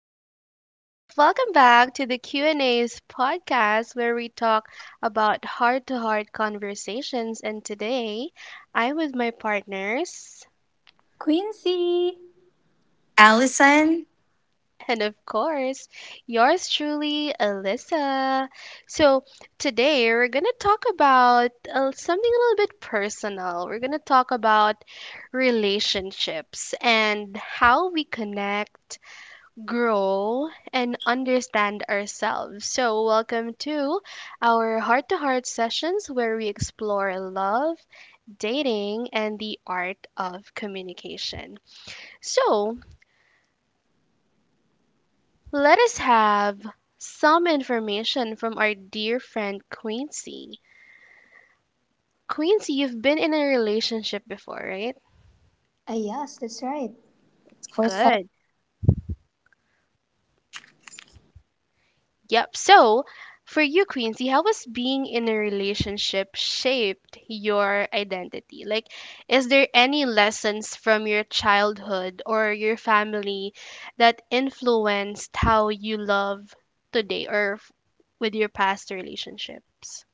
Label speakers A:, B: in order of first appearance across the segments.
A: Hi guys, welcome back to the Q&A's podcast where we talk about heart-to-heart conversations, and today I'm with my partners,
B: Quincy!
C: Allison?
A: and of course, yours truly, Alyssa. So, today we're going to talk about something a little bit personal. We're going to talk about relationships and how we connect, grow, and understand ourselves. So, welcome to our heart to heart sessions where we explore love, dating, and the art of communication. So, let us have some information from our dear friend Quincy. Quincy, you've been in a relationship before, right?
B: Ah, yes, that's right. For seven.
A: Good. Yep. So, for you, Quincy, how has being in a relationship shaped your identity? Like, is there any lessons from your childhood or your family that influenced how you love today or with your past relationships?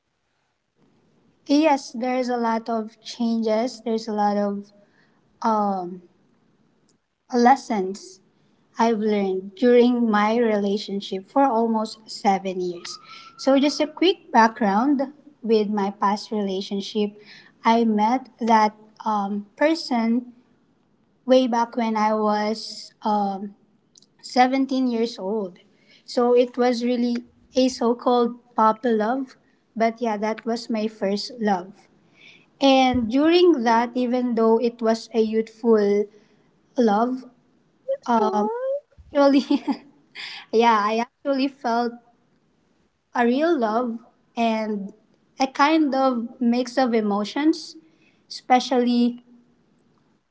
B: Yes, there's a lot of changes. There's a lot of um, lessons I've learned during my relationship for almost 7 years. So, just a quick background with my past relationship. I met that person way back when I was 17 years old. So it was really a so called puppy love. But yeah, that was my first love. And during that, even though it was a youthful love, um, actually, yeah, I actually felt a real love and a kind of mix of emotions, especially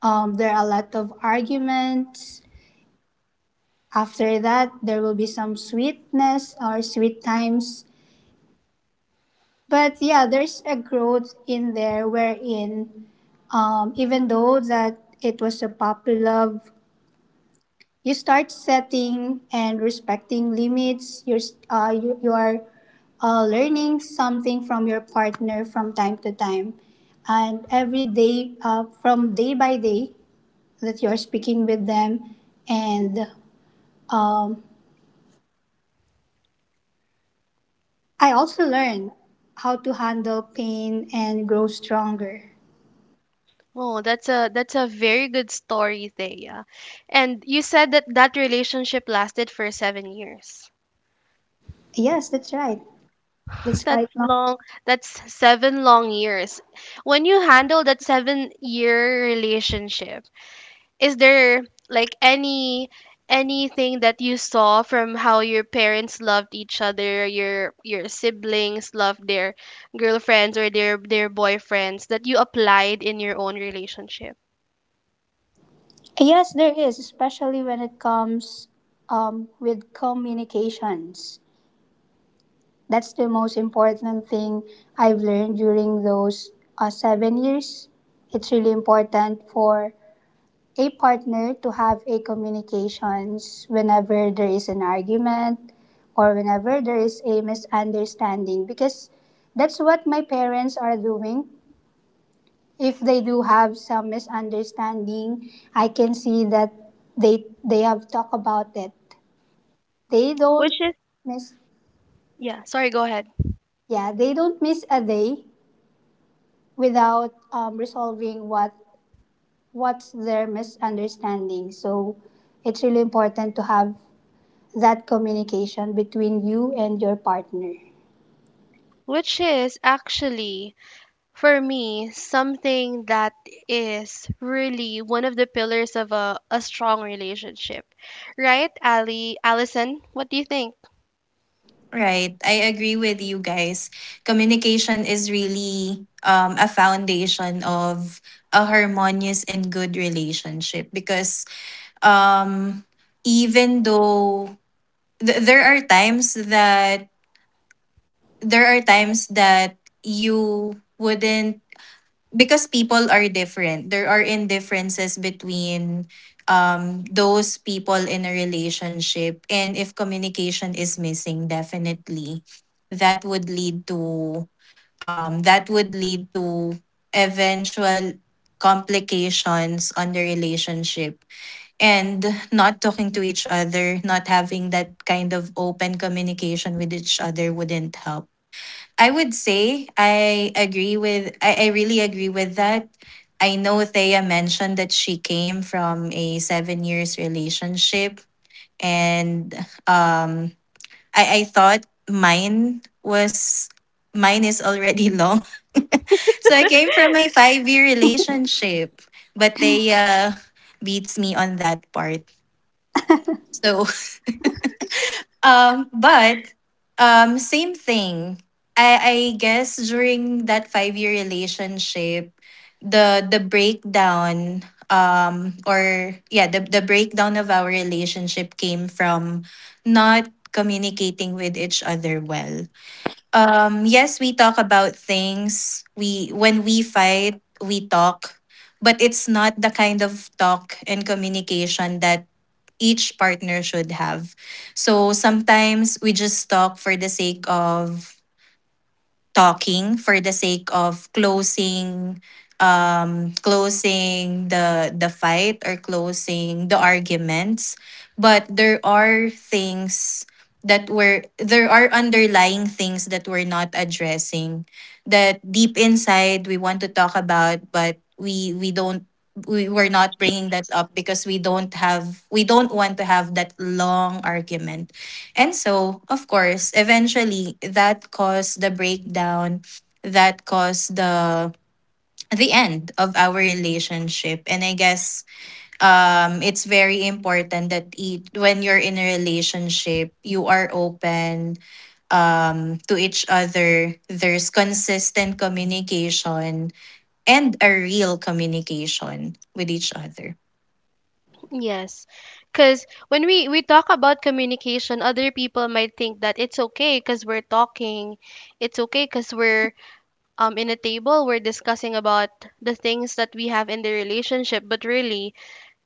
B: there are a lot of arguments. After that, there will be some sweetness or sweet times, but yeah, there's a growth in there wherein, even though that it was a puppy love, you start setting and respecting limits. You are learning something from your partner from time to time and every day, from day by day that you're speaking with them. And um, I also learn how to handle pain and grow stronger.
A: Oh, that's a very good story, Thea. And you said that that relationship lasted for 7 years.
B: Yes, that's right. That's
A: That's
B: quite—
A: long. That's seven long years. When you handle that 7 year relationship, is there like any anything that you saw from how your parents loved each other, your siblings loved their girlfriends or their boyfriends that you applied in your own relationship?
B: Yes, there is, especially when it comes with communications. That's the most important thing I've learned during those 7 years. It's really important for a partner to have a communications whenever there is an argument or whenever there is a misunderstanding, because that's what my parents are doing. If they do have some misunderstanding, I can see that they have talked about it. They don't
A: Which is
B: miss
A: Yeah, sorry, go ahead.
B: Yeah, they don't miss a day without resolving what's their misunderstanding. So it's really important to have that communication between you and your partner.
A: Which is actually, for me, something that is really one of the pillars of a strong relationship. Right, Allison, what do you think?
C: Right, I agree with you guys. Communication is really a foundation of a harmonious and good relationship because, um, even though there are times that there are times that you wouldn't, because people are different. There are indifferences between those people in a relationship, and if communication is missing, definitely that would lead to um that would lead to eventual complications on the relationship. And not talking to each other, not having that kind of open communication with each other wouldn't help. I would say I agree with I really agree with that. I know Thea mentioned that she came from a 7 years relationship, and um I thought mine was, mine is already long. So I came from a 5 year relationship, but Thea beats me on that part. So, but same thing. I guess during that 5 year relationship, the breakdown, or yeah, the breakdown of our relationship came from not communicating with each other well. Yes, we talk about things. We When we fight, we talk. But it's not the kind of talk and communication that each partner should have. So sometimes we just talk for the sake of talking, for the sake of closing, closing the fight or closing the arguments. But there are things that were there are underlying things that we're not addressing, that deep inside we want to talk about, but we don't, we were not bringing that up because we don't want to have that long argument. And so, of course, eventually that caused the breakdown, that caused the end of our relationship. And I guess it's very important that when you're in a relationship, you are open to each other. There's consistent communication and a real communication with each other.
A: Yes. Because when we talk about communication, other people might think that it's okay because we're talking. It's okay because we're, in a table, we're discussing about the things that we have in the relationship. But really,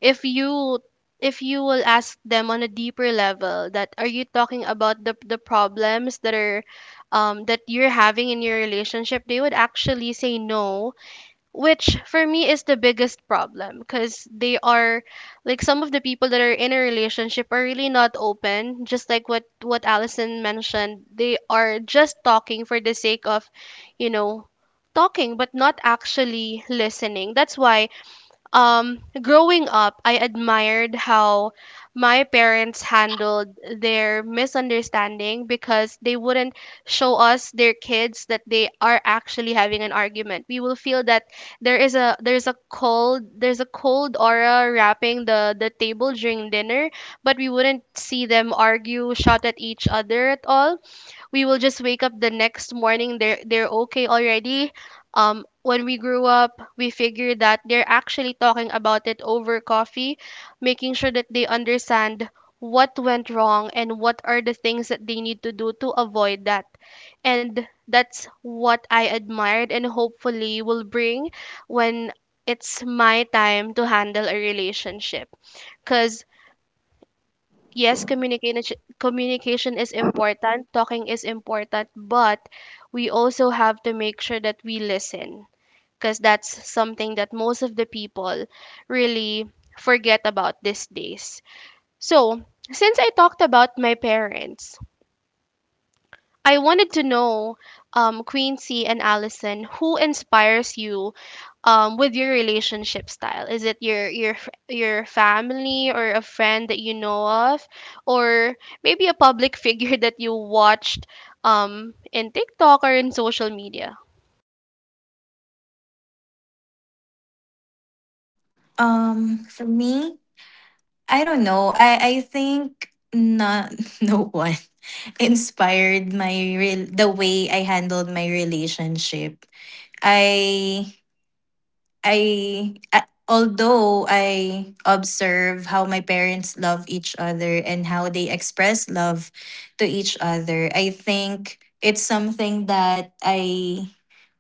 A: if you, if you will ask them on a deeper level that, are you talking about the problems that are, that you're having in your relationship, they would actually say no, which for me is the biggest problem, because they are, like, some of the people that are in a relationship are really not open. Just like what Allison mentioned, they are just talking for the sake of, you know, talking, but not actually listening. That's why, growing up, I admired how my parents handled their misunderstanding, because they wouldn't show us, their kids, that they are actually having an argument. We will feel that there is a, there's a cold, there's a cold aura wrapping the table during dinner, but we wouldn't see them argue, shout at each other at all. We will just wake up the next morning, they're okay already. When we grew up, we figured that they're actually talking about it over coffee, making sure that they understand what went wrong and what are the things that they need to do to avoid that. And that's what I admired, and hopefully will bring when it's my time to handle a relationship, because, yes, communication is important, talking is important, but we also have to make sure that we listen, because that's something that most of the people really forget about these days. So, since I talked about my parents, I wanted to know, Quincy and Allison, who inspires you with your relationship style? Is it your your family, or a friend that you know of, or maybe a public figure that you watched in TikTok or in social media?
C: Um, for me, I don't know. I think, not no one inspired my, real, the way I handled my relationship. I I although I observe how my parents love each other and how they express love to each other, I think it's something that I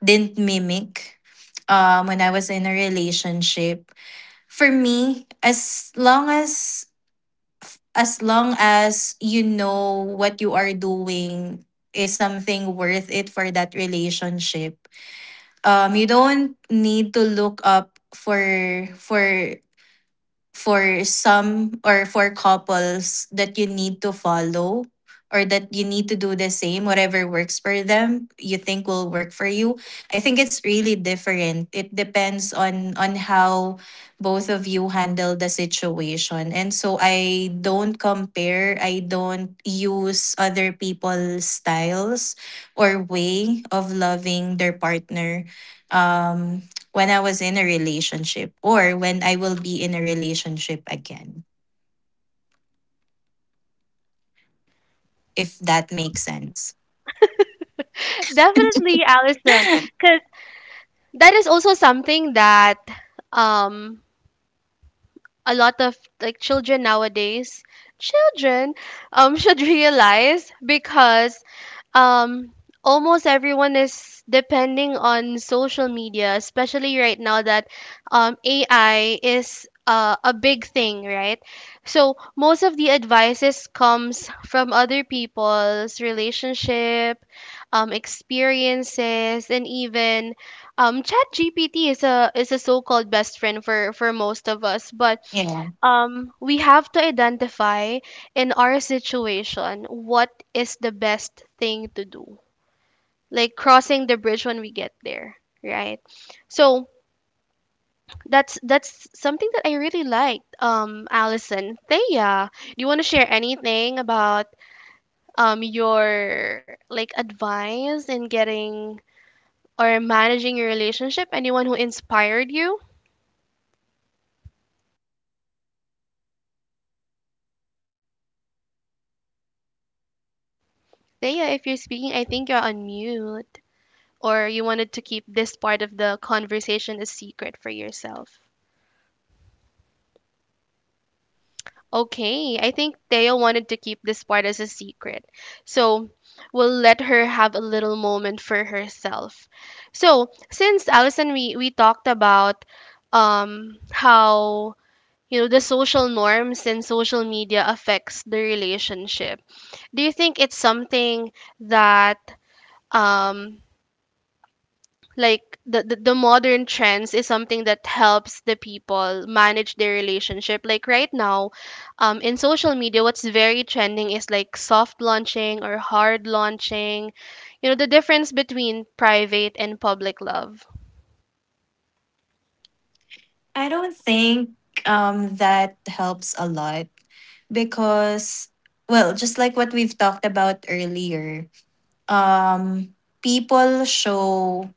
C: didn't mimic when I was in a relationship. For me, as long as you know what you are doing is something worth it for that relationship. You don't need to look up for some, or for couples that you need to follow, or that you need to do the same. Whatever works for them, you think will work for you. I think it's really different. It depends on how both of you handle the situation. And so I don't compare, I don't use other people's styles or way of loving their partner, um when I was in a relationship or when I will be in a relationship again, if that makes sense.
A: Definitely, Allison, because that is also something that, um a lot of, like, children nowadays, children should realize, because, um almost everyone is depending on social media, especially right now that, AI is, a big thing, right? So most of the advices comes from other people's relationship, experiences, and even, chat GPT is a so-called best friend for most of us. But
C: Yeah.
A: we have to identify in our situation what is the best thing to do, like crossing the bridge when we get there, right? So that's something that I really liked. Allison, Thea, do you want to share anything about your, like, advice in getting or managing your relationship, anyone who inspired you?
B: Yes, Eliza.
A: Thea, if you're
B: Um,
A: speaking, I think you're on mute. Or you wanted
B: oh,
A: to keep this part of the conversation a secret for yourself.
B: oh, sorry. How about now? Can you hear me loud and clear?
A: Okay, I think Theo wanted to keep this part as a secret, so we'll let her have a little moment for herself. So, since Allison, we talked about how, you know, the social norms and social media affects the relationship. Do you think it's something that, um like the modern trends is something that helps the people manage their relationship, like right now, in social media, what's very trending is, like, soft launching or hard launching, you know, the difference between private and public love?
C: I don't think that helps a lot, because, well, just like what we've talked about earlier, um people show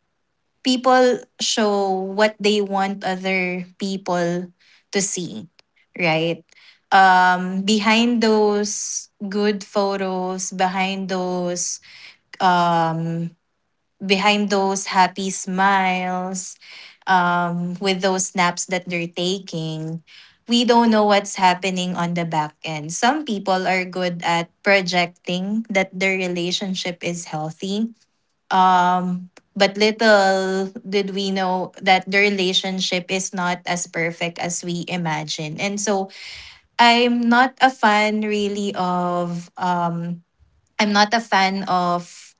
C: people show what they want other people to see, right? Um, behind those good photos, behind those, um, behind those happy smiles, with those snaps that they're taking, we don't know what's happening on the back end. Some people are good at projecting that their relationship is healthy. Um, but little did we know that the relationship is not as perfect as we imagine. And so I'm not a fan really of I'm not a fan of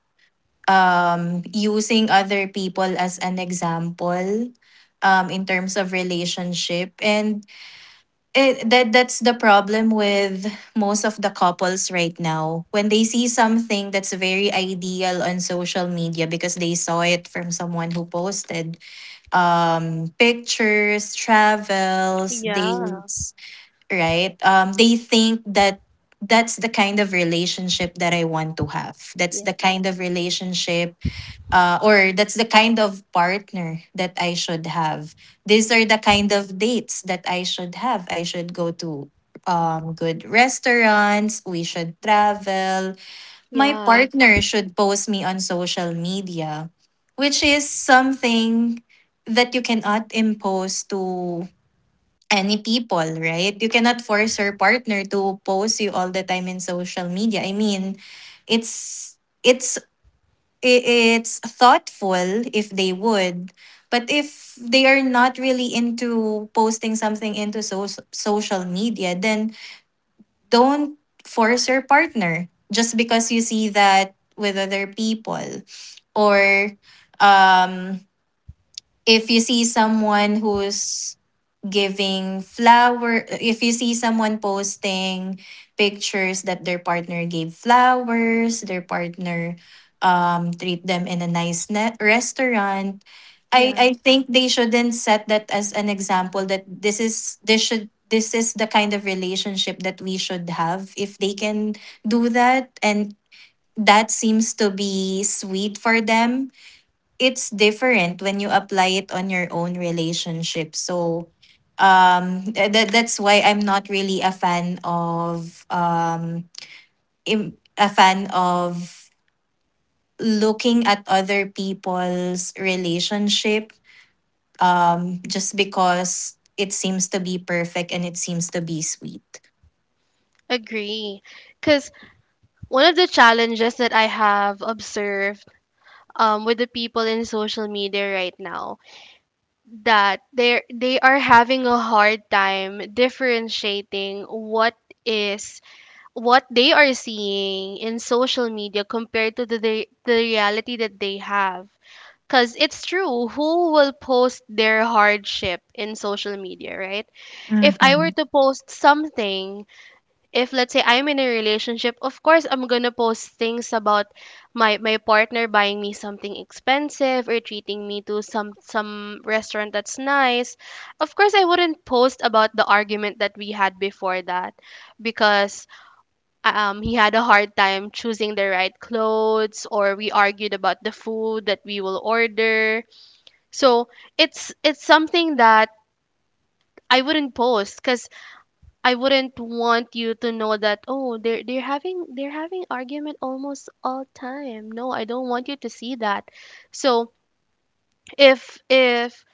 C: using other people as an example, in terms of relationship. And that's the problem with most of the couples right now. When they see something that's very ideal on social media because they saw it from someone who posted, pictures, travels,
A: Yeah,
C: dates, right? They think that that's the kind of relationship that I want to have. That's the
A: yeah.
C: kind of relationship, or that's the kind of partner that I should have. These are the kind of dates that I should have. I should go to, good restaurants. We should travel. My
A: Yeah,
C: partner should post me on social media, which is something that you cannot impose to any people, right? You cannot force your partner to post you all the time in social media. I mean, it's it's it's thoughtful if they would, but if they are not really into posting something into social media, then don't force your partner just because you see that with other people, or, um, if you see someone who's giving flower, if you see someone posting pictures that their partner gave flowers, their partner, um, treat them in a nice net restaurant, i
A: yeah,
C: i think they shouldn't set that as an example that this is the kind of relationship that we should have. If they can do that and that seems to be sweet for them, it's different when you apply it on your own relationship. So, um, that's why I'm not really a fan of, a fan of looking at other people's relationship, just because it seems to be perfect and it seems to be sweet.
A: agree. Because one of the challenges that I have observed, with the people in social media right now, that they are having a hard time differentiating what is what they are seeing in social media compared to the reality that they have, because it's true, who will post their hardship in social media, right? If I
C: Hmm.
A: were to post something, if let's say I'm in a relationship, of course I'm gonna post things about my partner buying me something expensive or treating me to some restaurant that's nice. Of course, I wouldn't post about the argument that we had before that, because he had a hard time choosing the right clothes, or we argued about the food that we will order. So it's something that I wouldn't post, because I wouldn't want you to know that, oh, they're having argument almost all time. No, I don't want you to see that. So if if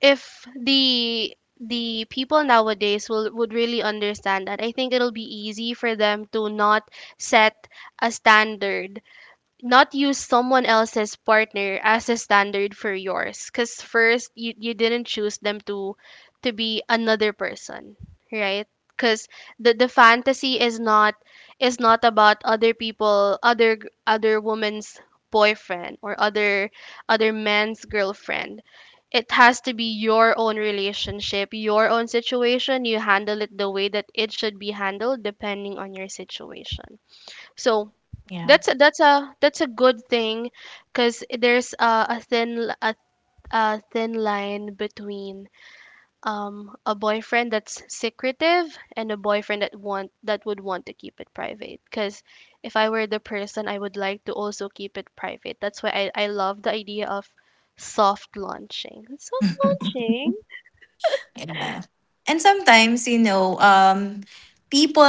A: if the people nowadays will, would really understand that, I think it'll be easy for them to not set a standard, not use someone else's partner as a standard for yours, because first, you didn't choose them to be another person, right? Because the fantasy is not, is not about other people, other other woman's boyfriend, or other man's girlfriend. It has to be your own relationship, your own situation. You handle it the way that it should be handled depending on your situation. So
C: Yeah.
A: that's a that's a good thing, because there's a thin line between, a boyfriend that's secretive, and a boyfriend that want that would want to keep it private, because if I were the person, I would like to also keep it private. That's why I love the idea of soft launching. Soft launching?
C: Yeah. And sometimes, you know, people,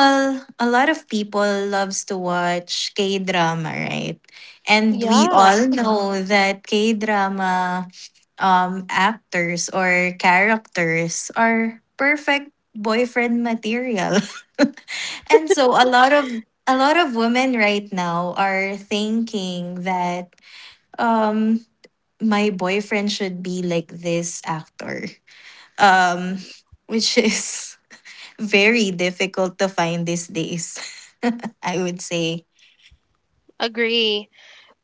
C: a lot of people loves to watch K-drama, right? And we
A: Yeah,
C: all know that K-drama, actors or characters are perfect boyfriend material. And so a lot of, women right now are thinking that, um, my boyfriend should be like this actor, um, which is very difficult to find these days, I would say.
A: agree.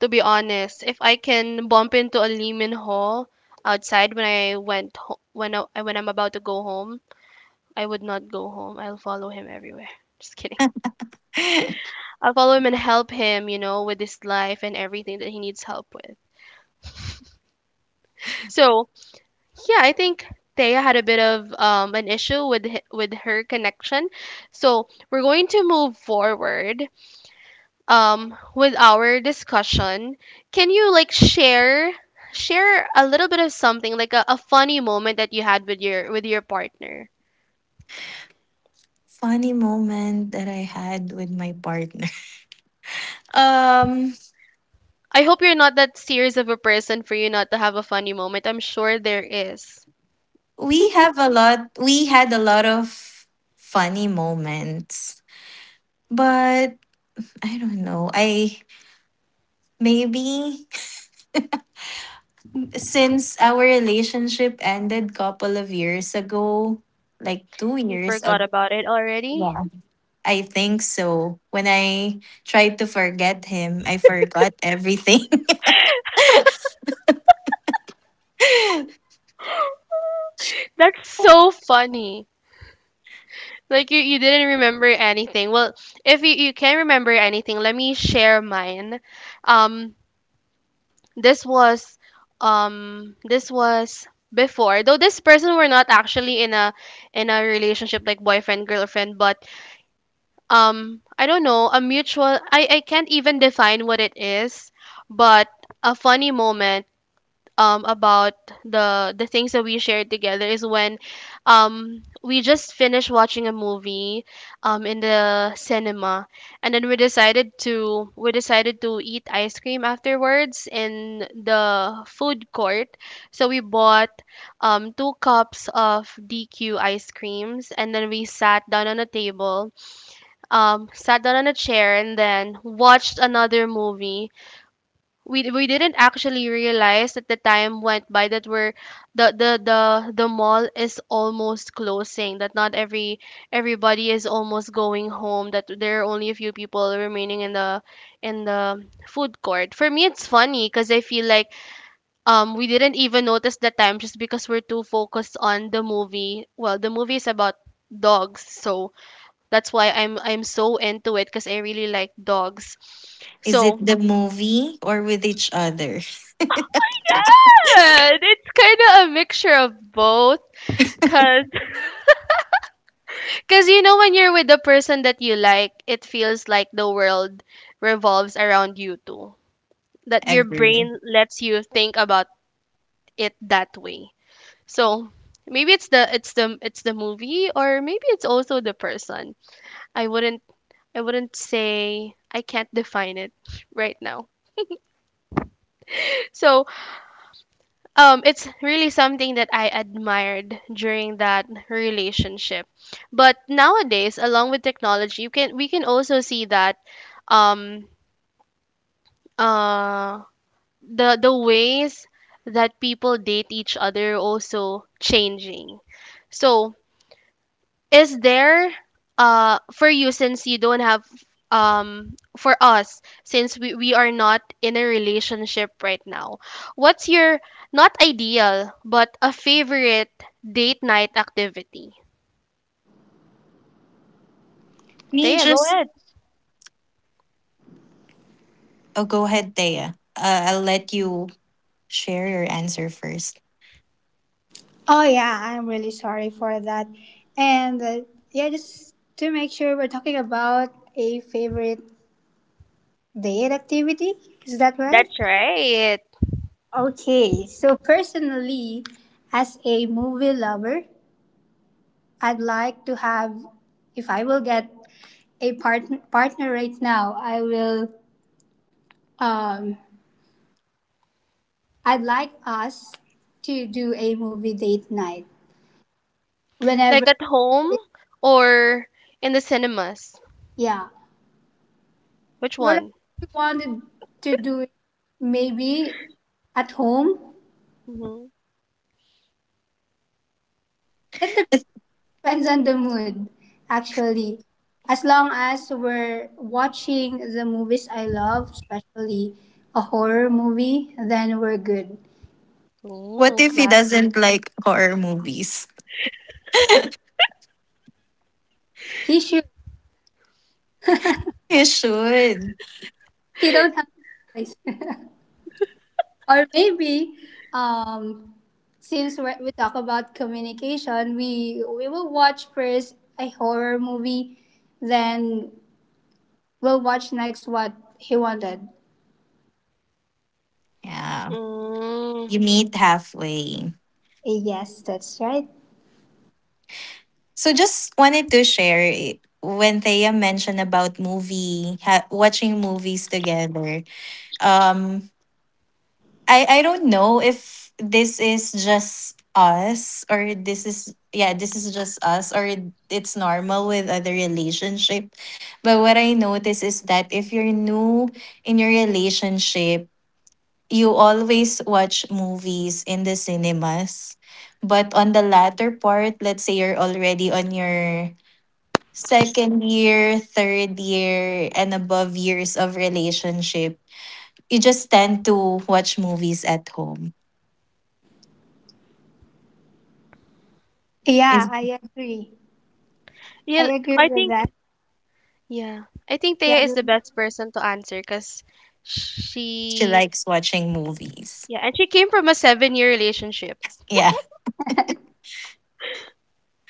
A: To be honest, if I can bump into a Lee Min Ho outside when I went when I'm about to go home, I would not go home. I'll follow him everywhere. Just kidding. I'll follow him and help him, you know, with his life and everything that he needs help with. So yeah, I think Thea had a bit of, an issue with with her connection. So we're going to move forward with our discussion. Can you, like, share, a little bit of something, like a funny moment that you had with your, with your partner?
C: Funny moment that I had with my partner. Um,
A: I hope you're not that serious of a person for you not to have a funny moment, I'm sure there is.
C: we had a lot of funny moments, but I don't know. I maybe, since our relationship ended couple of years ago, like two
A: You
C: years
A: forgot
C: ago.
A: about it already?
C: I think so. When I tried to forget him, I forgot everything.
A: That's so funny. Like, you didn't remember anything well. If you, you can remember anything, let me share mine. um This was, um, this was before. Though this person were not actually in a, in a relationship, like boyfriend girlfriend, but I don't know, a mutual, I can't even define what it is, but a funny moment about the things that we shared together is when, we just finished watching a movie in the cinema, and then we decided to eat ice cream afterwards in the food court. So we bought two cups of DQ ice creams, and then we sat down on a table, sat down on a chair, and then watched another movie. We didn't actually realize that the time went by, that we're, the mall is almost closing, that not everybody is almost going home, that there are only a few people remaining in the, in the food court. For me, it's funny because I feel like, we didn't even notice the time just because we're too focused on the movie. Well, the movie is about dogs, so that's why I'm so into it, because I really like dogs.
C: Is it
A: So,
C: the movie or with each other?
A: yeah, it's kind of a mixture of both. Cause, cause, you know, when you're with the person that you like, it feels like the world revolves around you too. That your
C: Agree.
A: brain lets you think about it that way. So maybe it's the movie, or maybe it's also the person. I wouldn't I wouldn't say I can't define it right now. So it's really something that I admired during that relationship. But nowadays, along with technology, you can we can also see that um uh the ways that people date each other also changing. So is there for you since you don't have, for us since we are not in a relationship right now, what's your not ideal but a favorite date night activity?
C: Me
A: Taya, go
C: just.
A: ahead.
C: Oh, go ahead, Thea. I'll let you share your answer first.
B: Oh yeah, I'm really sorry for that. And yeah, just to make sure we're talking about a favorite date activity. Is that right?
A: That's right.
B: Okay, so personally, as a movie lover, I'd like to have— if I will get a partner right now, I will. Um, I'd like us to do a movie date night
A: Like
B: whenever.
A: at home or in the cinemas,
B: Yeah,
A: which
B: whatever
A: one?
B: we wanted to do it, maybe at home.
A: Mm-hmm.
B: It depends on the mood, actually. As long as we're watching the movies I love, especially a horror movie, then we're good.
C: What
A: Oh,
C: if he
A: classic.
C: doesn't like horror movies?
B: He should.
C: You should.
B: He don't have a choice. Or maybe, um since we talk about communication, we will watch first a horror movie, then we'll watch next what he wanted.
C: Yeah.
A: Mm.
C: You meet halfway.
B: Yes, that's right.
C: So just wanted to share it. When Thea mentioned about movie, watching movies together, um, I don't know if this is just us or this is yeah, this is just us, or it's normal with other relationship. But what I notice is that if you're new in your relationship, you always watch movies in the cinemas. But on the latter part, let's say you're already on your second year, third year and above years of relationship, you just tend to watch movies at home.
B: Yeah,
C: Is
B: I agree. I
A: Yeah,
B: agree
A: I
B: with
A: think
B: that.
A: Yeah, I think Thea
B: Yeah,
A: is the
B: I-
A: best person to answer because
C: she
A: she,
C: likes watching movies.
A: yeah, and she came from a 7 year relationship.
C: Yeah,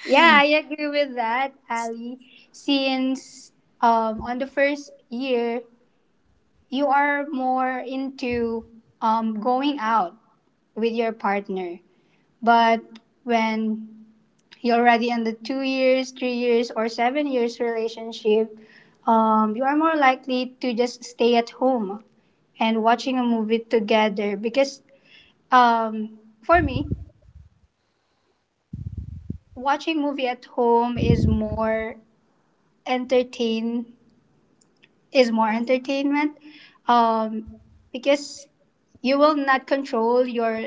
B: yeah, I agree with that, Ali. Since, on the first year, you are more into going out with your partner. But when you're already in the 2 years, 3 years, or 7 years relationship, you are more likely to just stay at home and watching a movie together. Because for me, watching movie at home is more entertain entertainment. Um, because you will not control your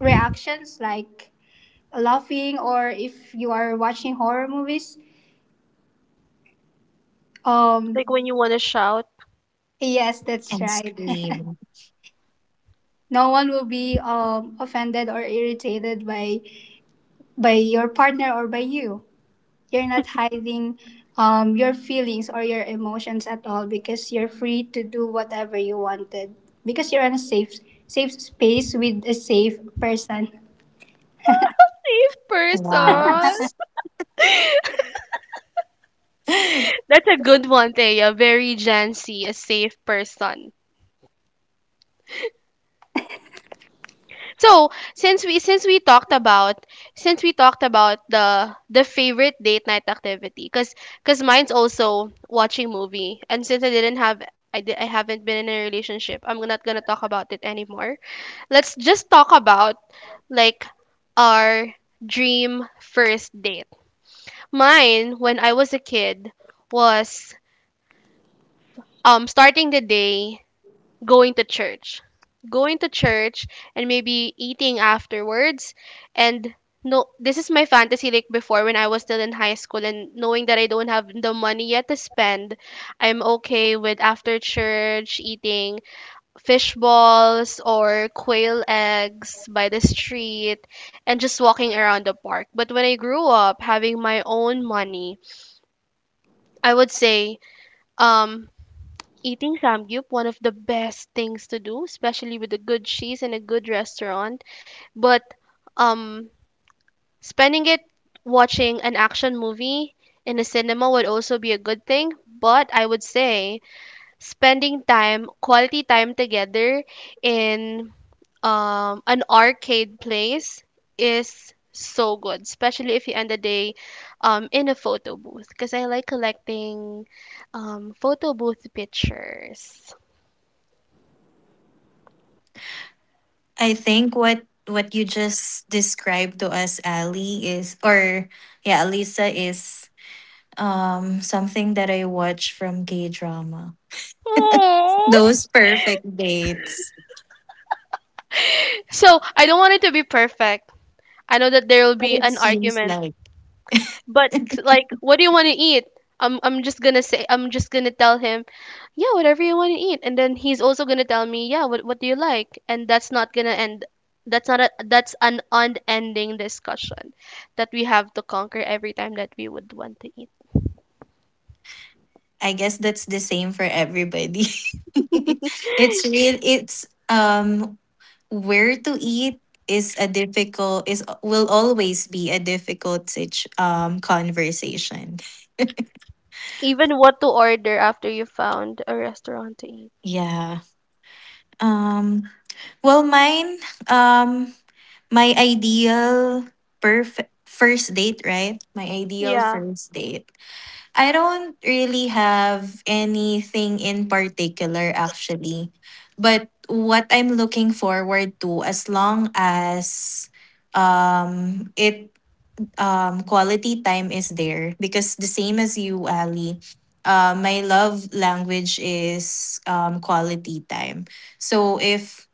B: reactions, like laughing, or if you are watching horror movies.
A: Like
B: Um,
A: when you want to shout,
B: yes, that's
C: and
B: right.
C: scream.
B: No one will be offended or irritated by your partner or by you. You're not hiding your feelings or your emotions at all, because you're free to do whatever you wanted, because you're in a safe space with a safe person.
A: safe
C: Wow.
A: person.
C: I
A: That's a good one, Thea. Very Gen Z, a safe person. So since we since we talked about since we talked about the favorite date night activity, cause mine's also watching movie. And since I haven't been in a relationship, I'm not gonna talk about it anymore. Let's just talk about, like, our dream first date. Mine when I was a kid was, starting the day, going to church. Going to church and maybe eating afterwards, and no, this is my fantasy, like before when I was still in high school and knowing that I don't have the money yet to spend, I'm okay with after church eating fish balls or quail eggs by the street and just walking around the park. But when I grew up having my own money, I would say, um eating samgyup one of the best things to do, especially with a good cheese and a good restaurant. But um spending it watching an action movie in a cinema would also be a good thing, but I would say spending time, quality time together in an arcade place is so good, especially if you end the day in a photo booth because I like collecting photo booth pictures.
C: think what you just described to us, Ali, is, or yeah, Alisa, is um, something that I watch from gay drama.
A: Oh.
C: Those perfect dates.
A: So, I don't want it to be perfect. I know that there will
C: But
A: be
C: it
A: an
C: seems
A: argument.
C: like,
A: But like, what do you want to eat? I'm just gonna say, I'm just gonna tell him, yeah, whatever you want to eat, and then he's also gonna tell me, yeah, what do you like? And that's not gonna end. That's not a, that's an unending discussion that we have to conquer every time that we would want to eat.
C: I guess that's the same for everybody. It's real, it's um, where to eat is a difficult, is will always be a difficult um, conversation.
A: Even what to order after you found a restaurant to eat.
C: Yeah. Um, well, mine, um my ideal perfect first date, right? My ideal
A: Yeah.
C: first date. I don't really have anything in particular actually. But what I'm looking forward to, as long as it quality time is there, because the same as you, Ali, my love language is, quality time. So if,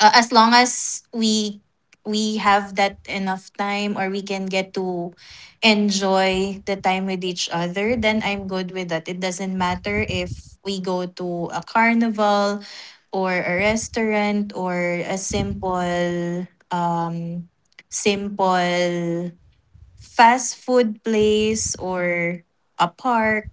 C: as long as we have that enough time, or we can get to enjoy the time with each other, then I'm good with that. It doesn't matter if we go to a carnival, or a restaurant, or a simple, simple fast food place, or a park,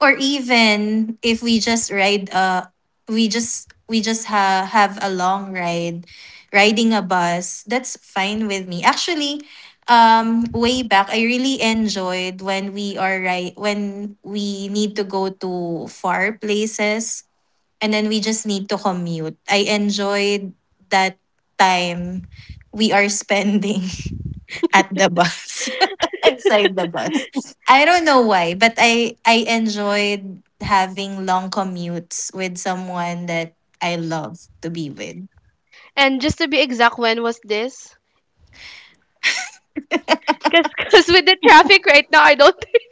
C: or even if we just ride, have a long ride, riding a bus, that's fine with me actually. Um, way back, I really enjoyed when we are right when we need to go to far places, and then we just need to commute. I enjoyed that time we are spending at the bus inside the bus. I don't know why, but I enjoyed having long commutes with someone that I love to be with.
A: And just to be exact, when was this? Cause, cause with the traffic right now, I don't think,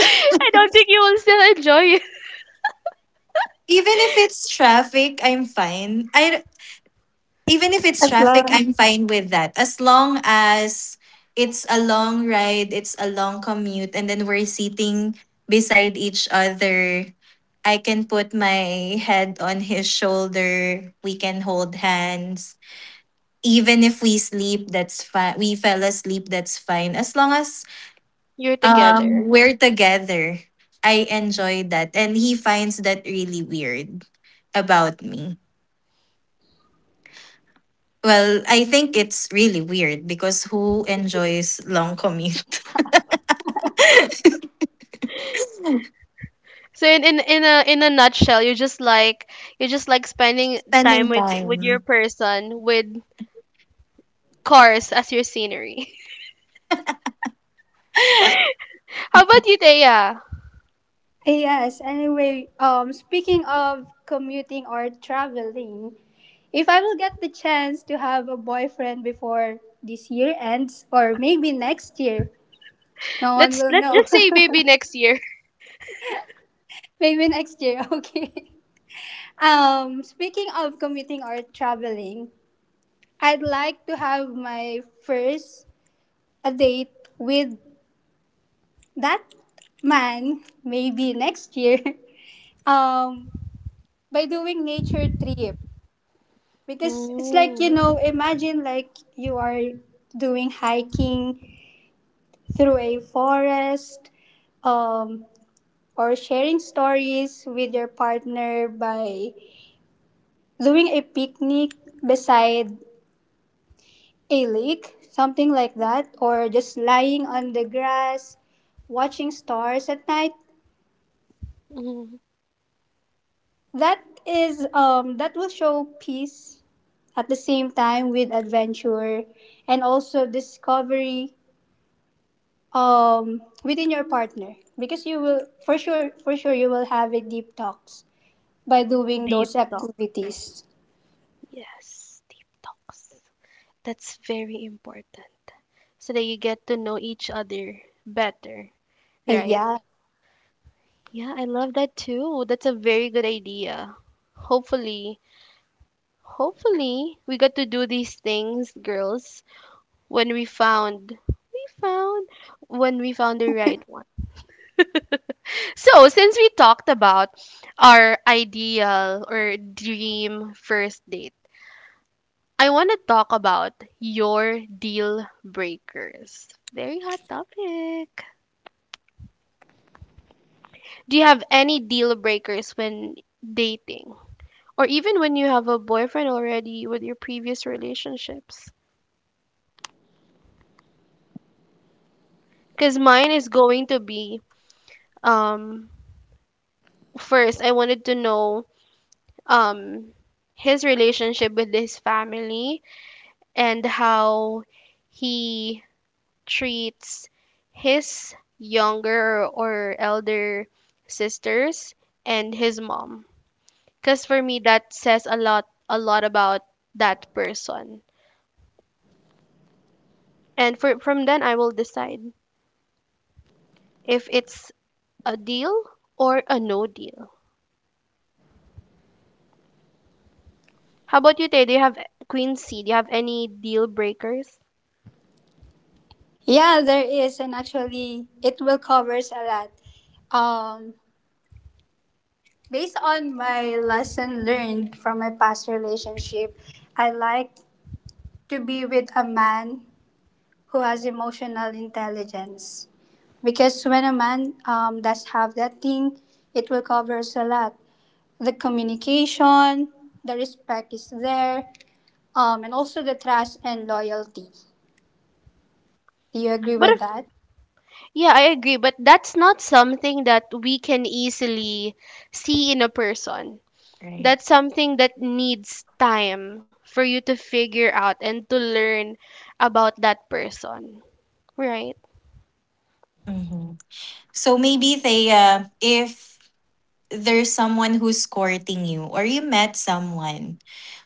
A: I don't think you will still enjoy it.
C: Even if it's traffic, I'm fine. i even if it's
B: As
C: traffic
B: love.
C: i'm fine with that, as long as it's a long ride, it's a long commute, and then we're sitting beside each other. I can put my head on his shoulder. We can hold hands. Even if we sleep, that's fine. We fell asleep, that's fine, as long as,
A: You're
C: um,
A: together.
C: we're together. I enjoy that, and he finds that really weird about me. Well, I think it's really weird, because who enjoys long commute?
A: So, in a nutshell, you just like, spending time
C: Spending
A: with your
C: time.
A: person, with cars as your scenery. How about you, Thea?
B: Yes. Anyway, speaking of commuting or traveling, if I will get the chance to have a boyfriend before this year ends, or maybe next year, no one
A: Let's
B: will know.
A: just say maybe next year.
B: Maybe next year. Okay. Speaking of commuting or traveling, I'd like to have my first a date with that man maybe next year. Um by doing nature trip, because it's like, you
A: Mm,
B: know, imagine like you are doing hiking through a forest, um or sharing stories with your partner by doing a picnic beside a lake, something like that, or just lying on the grass, watching stars at night.
A: mm.
B: That is that will show peace at the same time with adventure and also discovery within your partner, because you will for sure, for sure, you will have a deep talks by doing those
A: Deep talk.
B: activities.
A: Yes, deep talks. That's very important. So that you get to know each other better, right?
B: Yeah.
A: Yeah, I love that too. That's a very good idea. Hopefully, hopefully we got to do these things, girls, when we found we found when we found the right one. So, since we talked about our ideal or dream first date, I want to talk about your deal breakers. Very hot topic. Do you have any deal breakers when dating? Or even when you have a boyfriend already with your previous relationships? Because mine is going to be, um, first, I wanted to know um his relationship with his family and how he treats his younger or elder sisters and his mom because for me that says a lot, about that person, and from then I will decide if it's a deal or a no deal. How about you, Tay? Do you have, Queen C, do you have any deal breakers?
B: Yeah, there is, and actually it will covers a lot. Um Based on my lesson learned from my past relationship, I like to be with a man who has emotional intelligence. Because when a man does have that thing, it will covers a lot. The communication, the respect is there, and also the trust and loyalty. Do you agree
A: But
B: with that?
A: yeah, I agree, but that's not something that we can easily see in a person.
C: Right.
A: That's something that needs time for you to figure out and to learn about that person, right?
C: Hmm. So maybe Thea, if there's someone who's courting you or you met someone,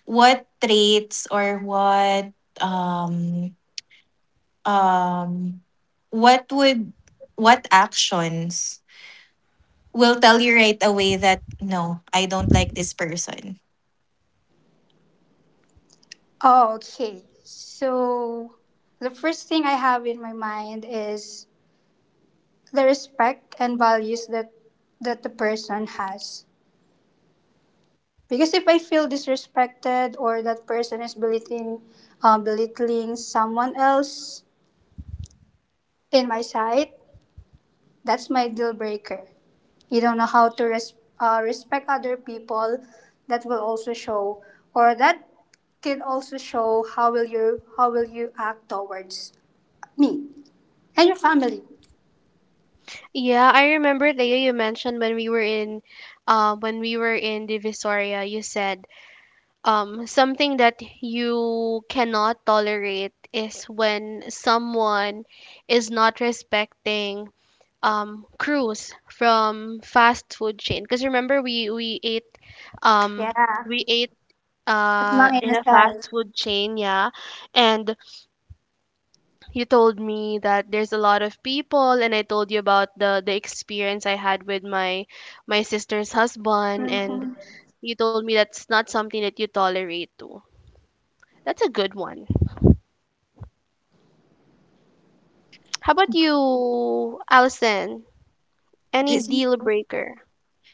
C: what traits, or what, um um what would, what actions will tell you right away that no, I don't like this person.
B: Oh, okay. So the first thing I have in my mind is the respect and values that the person has. Because if I feel disrespected, or that person is belittling, belittling someone else in my sight, that's my deal breaker. You don't know how to respect other people. That will also show, or that can also show how will you act towards me and your family.
A: Yeah, I remember Leo, you mentioned when we were in, when we were in Divisoria, you said, something that you cannot tolerate is when someone is not respecting Cruz from fast food chain because remember we ate, um
B: Yeah,
A: we ate
B: at
A: uh,
B: mga
A: in a
B: inasal.
A: fast food chain, yeah, and you told me that there's a lot of people and I told you about the experience I had with my, my sister's husband, and you told me that's not something that you tolerate too. That's a good one. How about you, Allison? Any
C: This
A: deal breaker?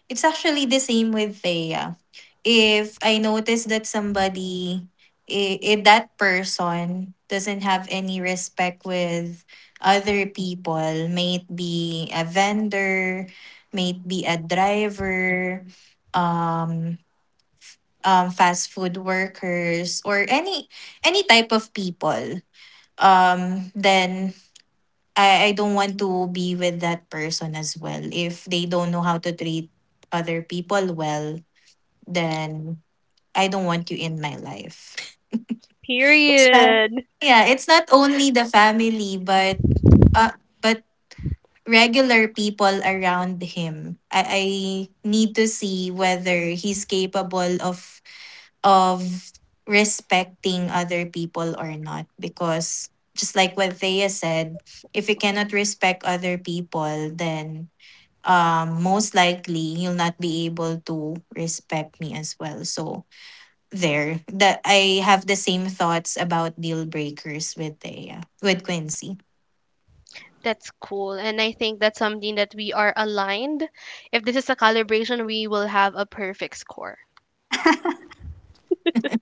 C: It's actually the same with Thea. If I notice that somebody, if that person doesn't have any respect with other people, may it be a vendor, may it be a driver, um, fast food workers, or any type of people, then I don't want to be with that person as well. If they don't know how to treat other people well, then I don't want you in my life. It's not,
A: Period.
C: yeah, it's not only the family, but uh, but regular people around him. I need to see whether he's capable of of respecting other people or not, because just like what Thea said, if you cannot respect other people, then, um, most likely you'll not be able to respect me as well. So there, that I have the same thoughts about deal breakers with the, with Quincy.
A: That's cool. And I think that's something that we are aligned. If this is a calibration, we will have a perfect score.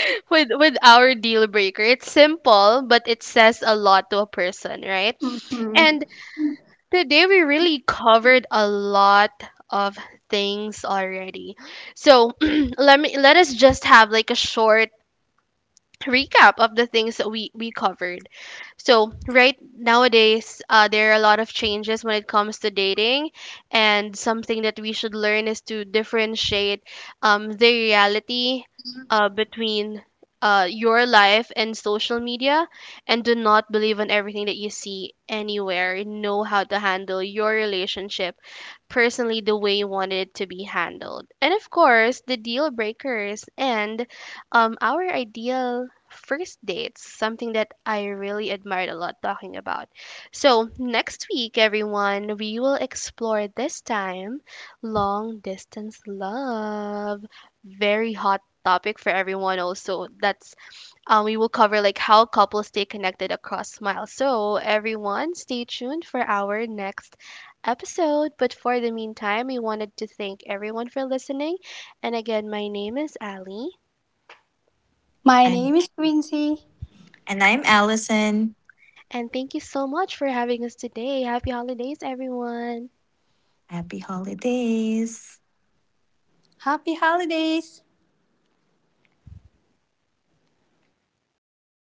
A: With our deal breaker. It's simple, but it says a lot to a person, right?
B: Mm-hmm.
A: And today we really covered a lot of things already. So let us just have, like, a short recap of the things that we covered. So right nowadays, there are a lot of changes when it comes to dating, and something that we should learn is to differentiate, the reality, between, your life and social media, and do not believe in everything that you see anywhere. Know how to handle your relationship personally the way you wanted it to be handled. And of course, the deal breakers and, our ideal first dates, something that I really admired a lot talking about. So, next week, everyone, we will explore this time long distance love. Very hot topic for everyone, also. That's, we will cover like how couples stay connected across miles. So everyone, stay tuned for our next episode. But for the meantime, we wanted to thank everyone for listening. And again, my name is Ali,
B: My name
C: I'm,
B: is Quincy.
C: and I'm Allison.
A: and thank you so much for having us today. Happy holidays, everyone.
C: Happy holidays.
B: Happy holidays!